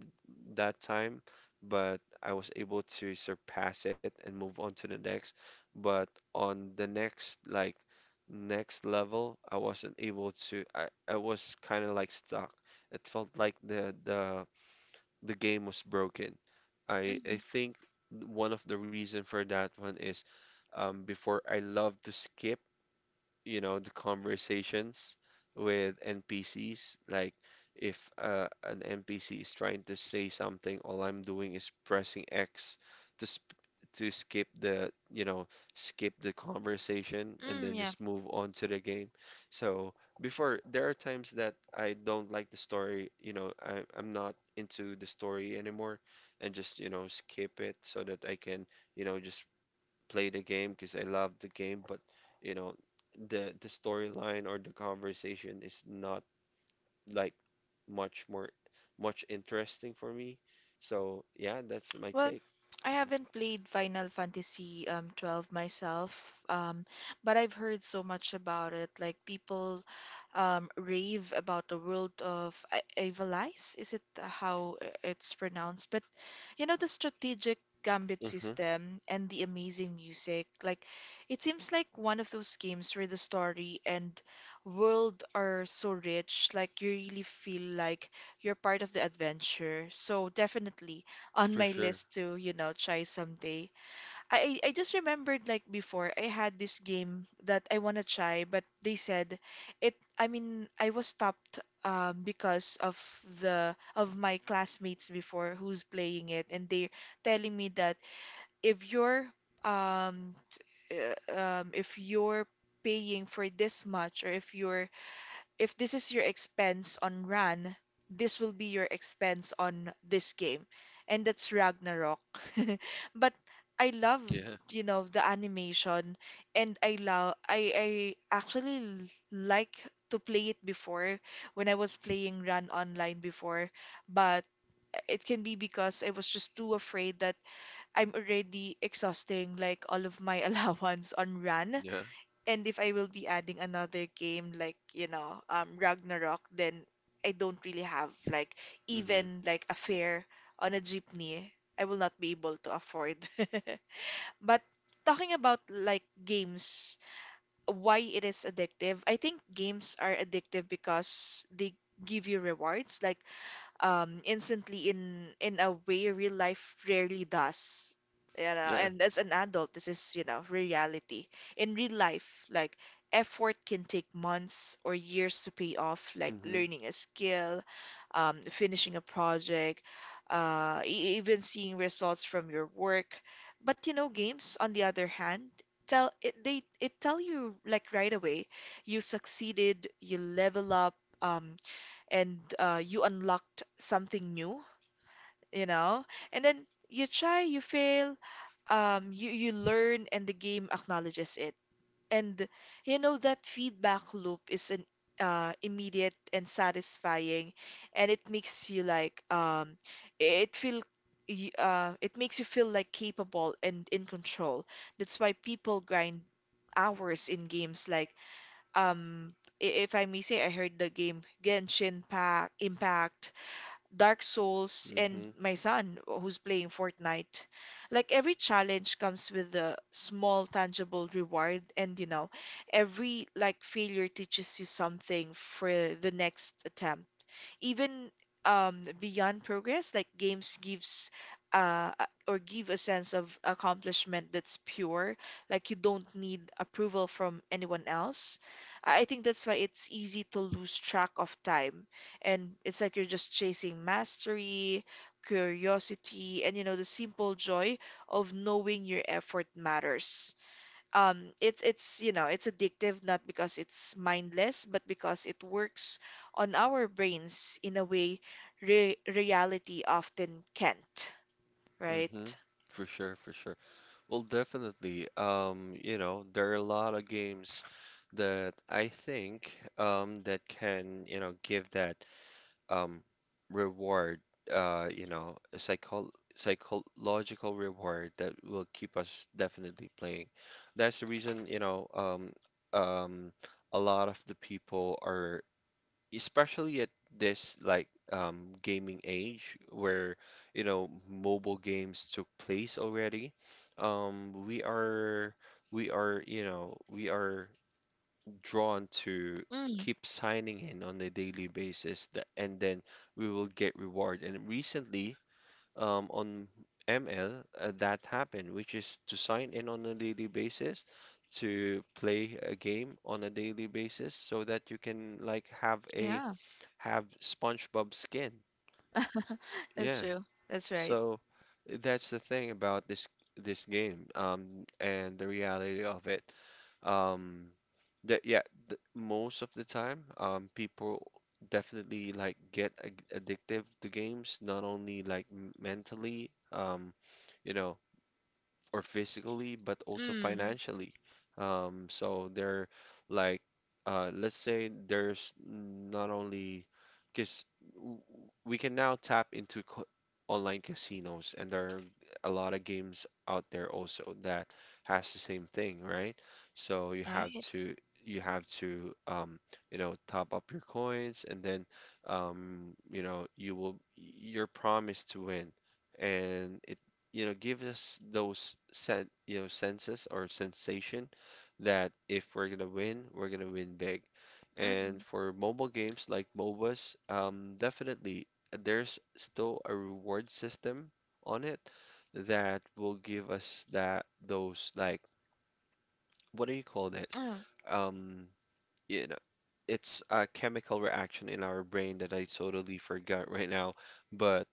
S1: that time, but I was able to surpass it and move on to the next. But on the next, like, next level, I wasn't able to, I was kind of like stuck. It felt like the game was broken. I
S2: Mm.
S1: think one of the reason for that one is before I love to skip, you know, the conversations with NPCs. Like if an NPC is trying to say something, all I'm doing is pressing X to sp to skip the, you know, skip the conversation and
S2: Mm.
S1: then
S2: Yeah.
S1: just move on to the game. So before, there are times that I don't like the story, you know, I'm not into the story anymore and just, you know, skip it so that I can, you know, just play the game because I love the game, but you know, the storyline or the conversation is not like much more much interesting for me. So yeah, that's my
S2: Well,
S1: take.
S2: I haven't played Final Fantasy, 12 myself, but I've heard so much about it. Like people, rave about the world of Avalice. Is it how it's pronounced? But the strategic gambit
S1: Mm-hmm.
S2: system and the amazing music. Like it seems like one of those games where the story and world are so rich. Like you really feel like you're part of the adventure. So definitely on
S1: For
S2: my
S1: sure.
S2: list to, try someday. I just remembered, like before I had this game that I want to try, but they said it, I mean, I was stopped, because of the of my classmates before who's playing it, and they're telling me that if you're, um if you're paying for this much, or if this is your expense on Ran, this will be your expense on this game. And that's Ragnarok. But I love,
S1: Yeah.
S2: the animation, and I love I actually like to play it before, when I was playing Run online before, but it can be because I was just too afraid that I'm already exhausting like all of my allowance on Run,
S1: Yeah.
S2: and if I will be adding another game like, Ragnarok, then I don't really have like
S1: Mm-hmm.
S2: even like a fare on a jeepney. I will not be able to afford. But talking about like games, why it is addictive, I think games are addictive because they give you rewards, like, instantly, in a way real life rarely does.
S1: Yeah.
S2: And as an adult, this is, reality. In real life, like effort can take months or years to pay off, like
S1: Hmm.
S2: learning a skill, finishing a project, even seeing results from your work. But, games, on the other hand, tell it they it tell you, like right away, you succeeded, you level up, um, and, you unlocked something new, you know? And then you try, you fail, you learn, and the game acknowledges it. And that feedback loop is an, immediate and satisfying, and it makes you it feel it makes you feel like capable and in control. That's why people grind hours in games like, um if I may say, I heard the game Genshin Pack, Impact, Dark Souls, and
S1: Mm-hmm.
S2: my son who's playing Fortnite. Like every challenge comes with a small tangible reward, and, every like failure teaches you something for the next attempt, even, beyond progress. Like games give a sense of accomplishment that's pure, like you don't need approval from anyone else. I think that's why it's easy to lose track of time. And it's like you're just chasing mastery, curiosity, and, the simple joy of knowing your effort matters. Um it's it's you know it's addictive, not because it's mindless, but because it works on our brains in a way re reality often can't,
S1: Mm-hmm.
S2: right?
S1: For sure, for sure. Well, definitely. You know, there are a lot of games that I think that can, you know, give that um reward, you know, a psychological reward that will keep us definitely playing. That's the reason, you know um a lot of the people are, especially at this like gaming age where, you know, mobile games took place already. um we are we are You know, we are drawn to
S2: Mm.
S1: keep signing in on a daily basis, that, and then we will get reward. And recently, on ML, that happened, which is to sign in on a daily basis, to play a game on a daily basis so that you can like
S2: Yeah,
S1: have SpongeBob skin.
S2: that's
S1: Yeah.
S2: true. That's right.
S1: So that's the thing about this game, and the reality of it. Um, that Yeah, th most of the time, people definitely like get ag addictive to games, not only like mentally, you know, or physically, but also
S2: Mm.
S1: financially. So they're like, let's say there's not only because we can now tap into co online casinos, and there are a lot of games out there also that has the same thing, right? So you have
S2: Right.
S1: to, you have to um, you know, top up your coins, and then you know, you're promised to win, and it, you know, give us those sen you know, senses or sensation that if we're gonna win, we're gonna win big. And
S2: Mm.
S1: for mobile games like MOBAs, definitely there's still a reward system on it that will give us that, those like, what do you call this?
S2: Mm.
S1: Um, you know, it's a chemical reaction in our brain that I totally forgot right now, but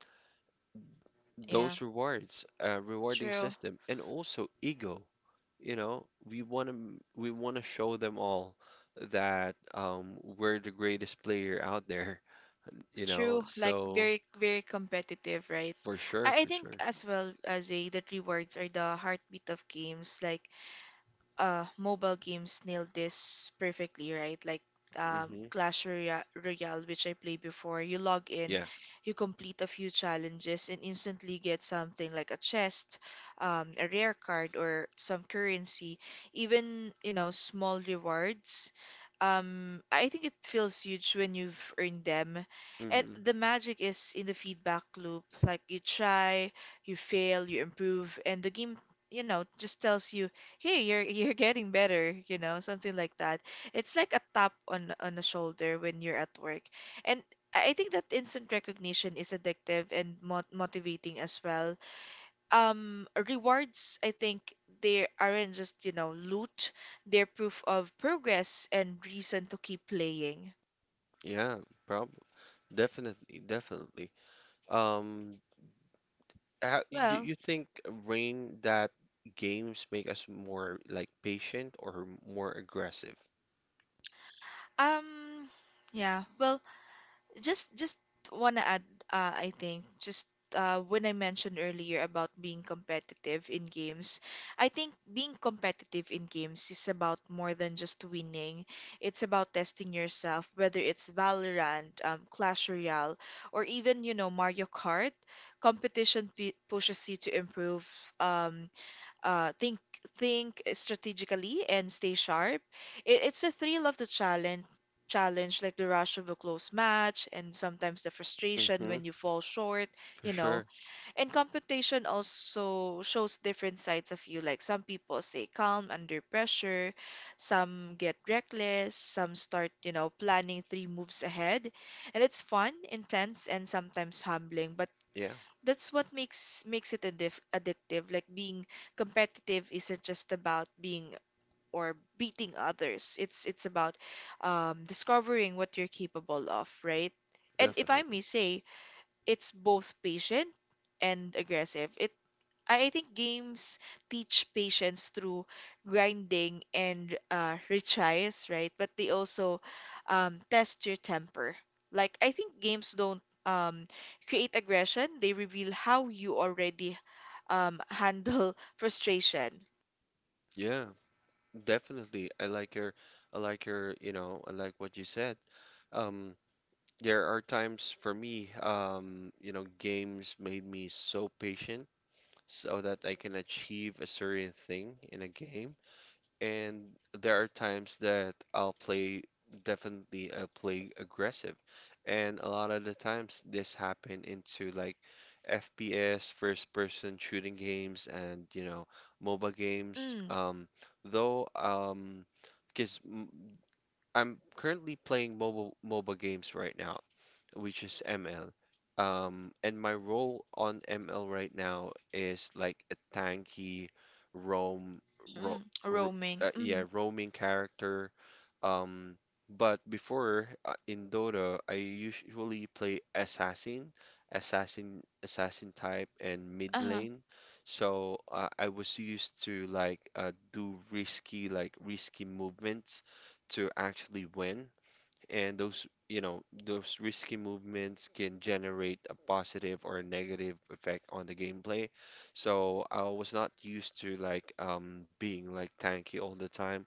S2: Yeah.
S1: those rewards, rewarding
S2: True.
S1: system, and also ego. You know, we want to show them all that we're the greatest player out there. You know,
S2: True, like
S1: so
S2: very, very competitive, right?
S1: for sure,
S2: I
S1: for
S2: think
S1: sure.
S2: as well as a that rewards are the heartbeat of games. Like mobile games nailed this perfectly, right? Like,
S1: Hmm.
S2: Clash Royale, which I played before. You log in,
S1: Yeah.
S2: you complete a few challenges, and instantly get something like a chest, a rare card, or some currency. Even small rewards. I think it feels huge when you've earned them. And
S1: Hmm.
S2: the magic is in the feedback loop. Like you try, you fail, you improve, and the game, just tells you hey you're getting better, something like that. It's like a tap on the shoulder when you're at work. And I think that instant recognition is addictive and motivating as well. Rewards, I think, they aren't just loot. They're proof of progress and reason to keep playing.
S1: Yeah, probably. Definitely, definitely. Um, How, do
S2: Well
S1: you think, Rain, that games make us more like patient or more aggressive?
S2: um yeah well just Wanna add, I think just, when I mentioned earlier about being competitive in games, I think being competitive in games is about more than just winning. It's about testing yourself, whether it's Valorant, Clash Royale, or even, you know, Mario Kart. Competition p pushes you to improve, um, uh, think think strategically and stay sharp. It's a thrill of the challenge, like the rush of a close match, and sometimes the frustration
S1: Mm-hmm,
S2: when you fall short,
S1: for
S2: you know.
S1: sure.
S2: And competition also shows different sides of you. Like some people stay calm under pressure, some get reckless, some start, you know, planning three moves ahead. And it's fun, intense, and sometimes humbling. But
S1: Yeah.
S2: that's what makes it addictive. Like being competitive isn't just about being or beating others. It's about, discovering what you're capable of, right? And if I
S1: Definitely.
S2: may say, it's both patient and aggressive. I think games teach patience through grinding and retries, right? But they also, test your temper. Like, I think games don't, create aggression, they reveal how you already, handle frustration.
S1: Yeah, definitely. I like your, you know, I like what you said. Um, there are times for me, you know, games made me so patient so that I can achieve a certain thing in a game. And there are times that I'll play, definitely I'll play aggressive. And a lot of the times this happen into like FPS, first person shooting games and, you know, MOBA games.
S2: Mm,
S1: Though, because I'm currently playing mobile MOBA games right now which is ML. And my role on ML right now is like a tanky roam ro
S2: mm,
S1: ro
S2: roaming.
S1: yeah,
S2: Mm,
S1: roaming character. Um, but before, in Dota, I usually play assassin, assassin type, and mid
S2: uh-huh,
S1: lane. So I was used to do risky, like risky movements to actually win, and those, you know, those risky movements can generate a positive or a negative effect on the gameplay. So I was not used to being like tanky all the time,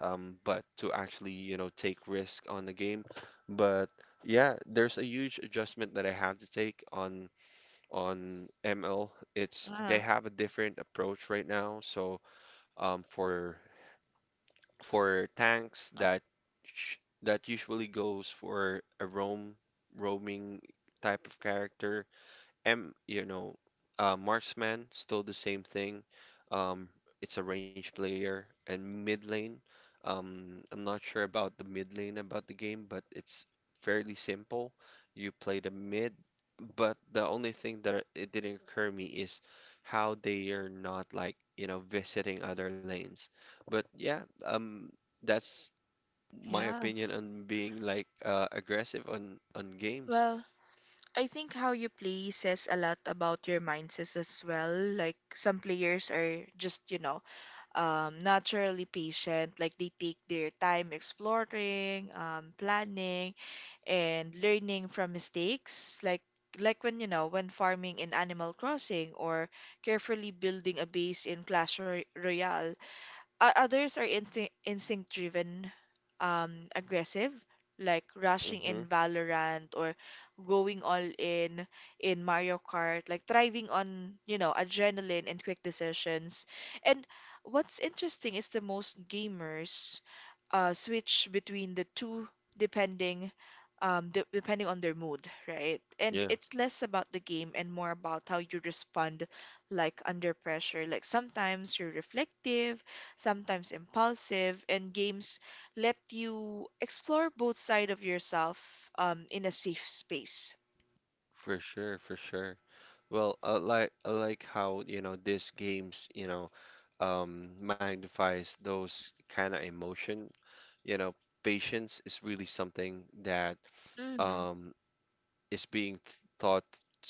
S1: but to actually, you know, take risk on the game. But yeah, there's a huge adjustment that I have to take on ML. It's
S2: uh-huh.
S1: they have a different approach right now. So um, for for tanks that sh that usually goes for a roaming type of character. You know, marksman, still the same thing. Um, it's a range player and mid lane. I'm not sure about the mid lane about the game, but it's fairly simple. You play the mid, but the only thing that it didn't occur me is how they are not like, you know, visiting other lanes. But yeah, that's my
S2: Yeah.
S1: opinion on being aggressive on games.
S2: Well, I think how you play says a lot about your mindsets as well. Like some players are just, you know, naturally patient. Like they take their time exploring, planning, and learning from mistakes. Like when, you know, when farming in Animal Crossing or carefully building a base in Royale. Others are instinct driven, aggressive, like rushing
S1: Hmm.
S2: in Valorant or going all in Mario Kart, like thriving on, you know, adrenaline and quick decisions. And what's interesting is the most gamers, switch between the two depending, de depending on their mood, right? And
S1: Yeah.
S2: it's less about the game and more about how you respond, like under pressure. Like sometimes you're reflective, sometimes impulsive, and games let you explore both sides of yourself, in a safe space.
S1: For sure, for sure. Well, I like, I like how, you know, these games, you know, magnifies those kind of emotion. You know, patience is really something that
S2: Mm,
S1: um, is being th taught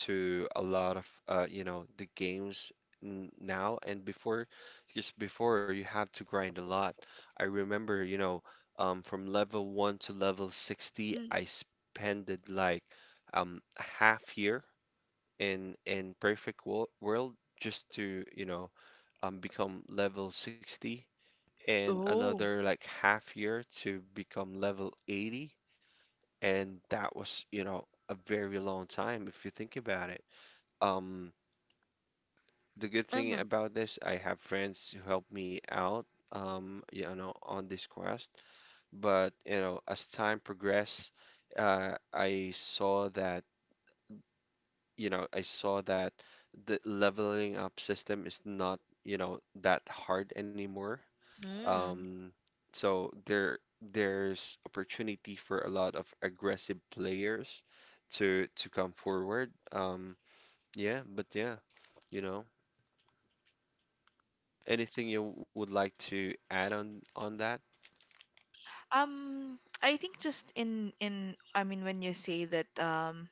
S1: to a lot of, you know, the games n now and before. Just before, you have to grind a lot. I remember, you know, from level one to level 60, I
S2: mm.
S1: spent it like a half year in perfect wo world just to, you know, become level 60, and
S2: Oh.
S1: another like half year to become level 80. And that was, you know, a very long time if you think about it. Um, the good thing
S2: Mm,
S1: about this, I have friends who help me out, you know, on this quest. But, you know, as time progressed, I saw that, you know, I saw that the leveling up system is not, you know, that hard anymore.
S2: mm.
S1: Um, so there, there's opportunity for a lot of aggressive players to come forward. Yeah, but yeah, you know, anything you would like to add on that?
S2: I think just in I mean, when you say that,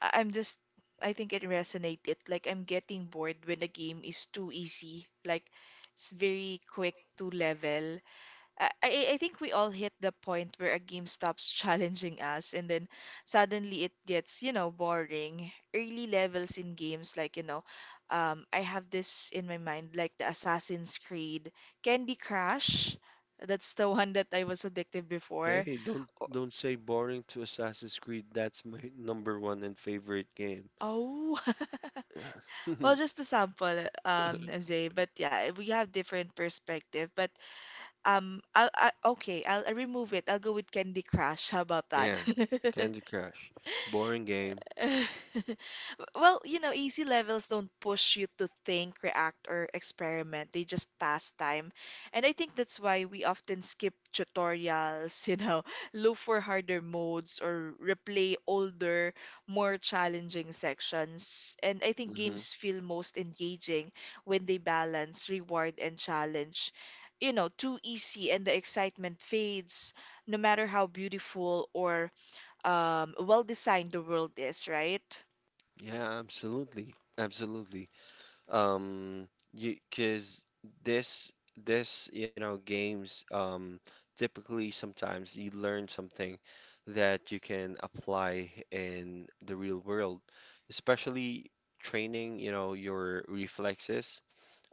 S2: I- I'm just, I think it resonated. Like I'm getting bored when the game is too easy, like it's very quick to level. I think we all hit the point where a game stops challenging us, and then suddenly it gets, you know, boring. Early levels in games, like, you know, I have this in my mind, like the Assassin's Creed, Candy Crush. That's the one that I was addicted before.
S1: Hey, don't say boring to Assassin's Creed. That's my number one and favorite game.
S2: Oh. Well, just a sample, Zay, but yeah, we have different perspective. But, I'll okay, I'll remove it. I'll go with Candy Crush. How about that?
S1: Yeah, Candy Crush. Boring game.
S2: Well, you know, easy levels don't push you to think, react, or experiment. They just pass time. And I think that's why we often skip tutorials, you know, look for harder modes or replay older, more challenging sections. And I think
S1: Hmm.
S2: games feel most engaging when they balance reward and challenge. You know, too easy and the excitement fades, no matter how beautiful or, well designed the world is, right?
S1: Yeah, absolutely. Absolutely. um you because this this, you know, games, typically sometimes you learn something that you can apply in the real world, especially training, you know, your reflexes.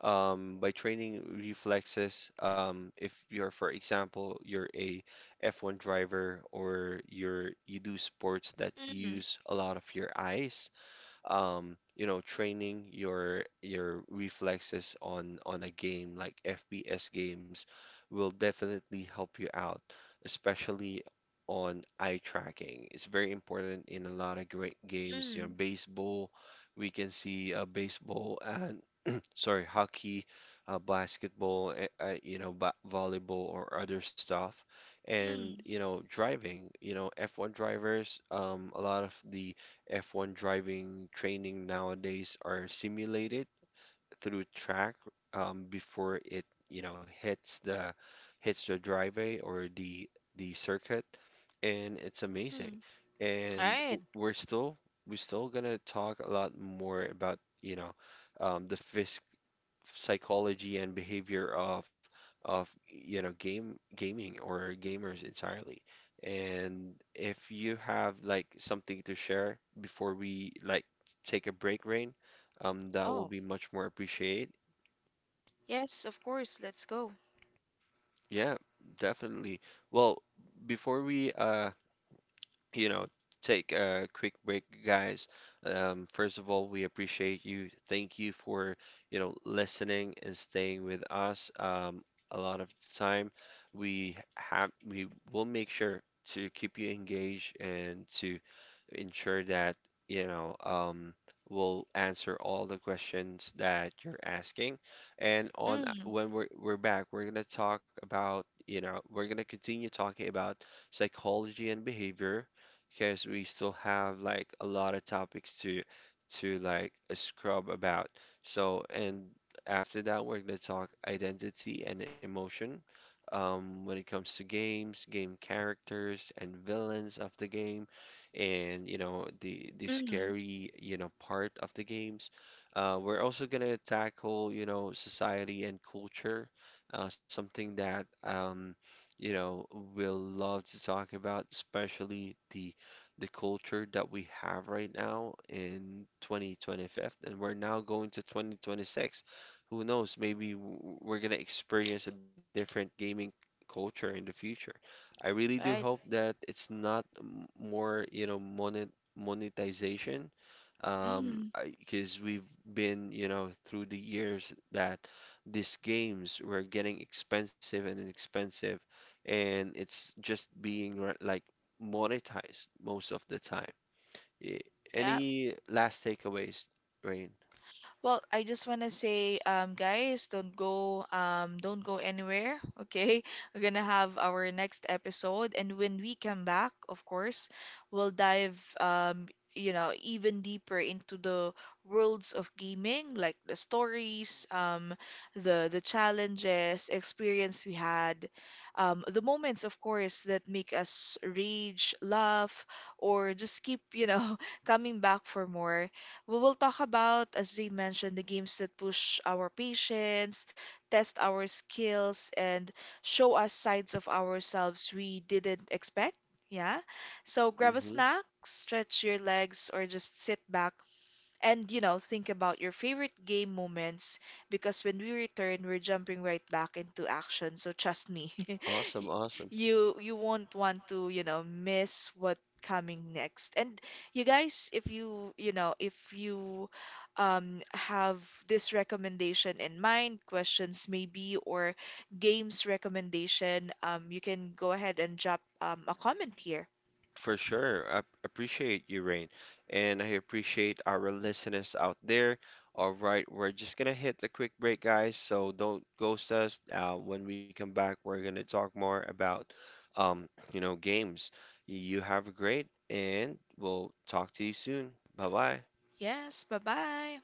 S1: By training reflexes, if you're, for example, you're a F1 driver or you're, you do sports that
S2: Mm,
S1: use a lot of your eyes, you know, training your reflexes on a game like FPS games will definitely help you out, especially on eye tracking. It's very important in a lot of great games. You know,
S2: mm,
S1: baseball, we can see a baseball and, sorry, hockey, basketball, you know, ba volleyball or other stuff. And,
S2: mm,
S1: you know, driving, you know, F1 drivers, a lot of the F1 driving training nowadays are simulated through track, before it, you know, hits the driveway or the circuit. And it's amazing.
S2: mm.
S1: And
S2: Right.
S1: we're still, we're still gonna talk a lot more about, you know, the phys psychology and behavior of, you know, game gaming or gamers entirely. And if you have like something to share before we like take a break, Rain, that will
S2: Oh,
S1: be much more appreciated.
S2: yes, of course. Let's go.
S1: Yeah, definitely. Well, before we you know, take a quick break, guys. First of all, we appreciate you. Thank you for, you know, listening and staying with us. A lot of the time, we will make sure to keep you engaged and to ensure that, you know, we'll answer all the questions that you're asking. And on
S2: Mm,
S1: when we're back, we're gonna talk about, you know, we're gonna continue talking about psychology and behavior because we still have like a lot of topics to like scrub about. So, and after that, we're gonna talk identity and emotion. When it comes to games, game characters and villains of the game, and you know the
S2: mm,
S1: scary, you know, part of the games. We're also gonna tackle, you know, society and culture, something that you know, we'll love to talk about, especially the culture that we have right now in 2025, and we're now going to 2026. Who knows, maybe we're going to experience a different gaming culture in the future. I really do hope
S2: right.
S1: that it's not more, you know, monetization, um
S2: Mm,
S1: because we've been, you know, through the years that these games were getting expensive and expensive, and it's just being like monetized most of the time. Y-
S2: yeah.
S1: Any last takeaways, Rain?
S2: Well, I just want to say, guys, don't go anywhere. Okay, we're gonna have our next episode, and when we come back, of course, we'll dive, you know, even deeper into the worlds of gaming, like the stories, the challenges, experience we had, the moments, of course, that make us rage, laugh, or just keep, you know, coming back for more. We will talk about, as they mentioned, the games that push our patience, test our skills, and show us sides of ourselves we didn't expect. Yeah. So grab a
S1: Hmm.
S2: snack, stretch your legs, or just sit back and, you know, think about your favorite game moments, because when we return, we're jumping right back into action. So trust me,
S1: Awesome,
S2: y-
S1: awesome.
S2: you won't want to, you know, miss what coming next. And you guys, if you, you know, if you, have this recommendation in mind, questions maybe, or games recommendation, you can go ahead and drop, a comment here.
S1: For sure. I appreciate you, Rain. And I appreciate our listeners out there. All right, we're just gonna hit a quick break, guys. So don't ghost us. When we come back, we're gonna talk more about, um, you know, games. You have a great, and we'll talk to you soon. Bye bye.
S2: Yes, bye-bye.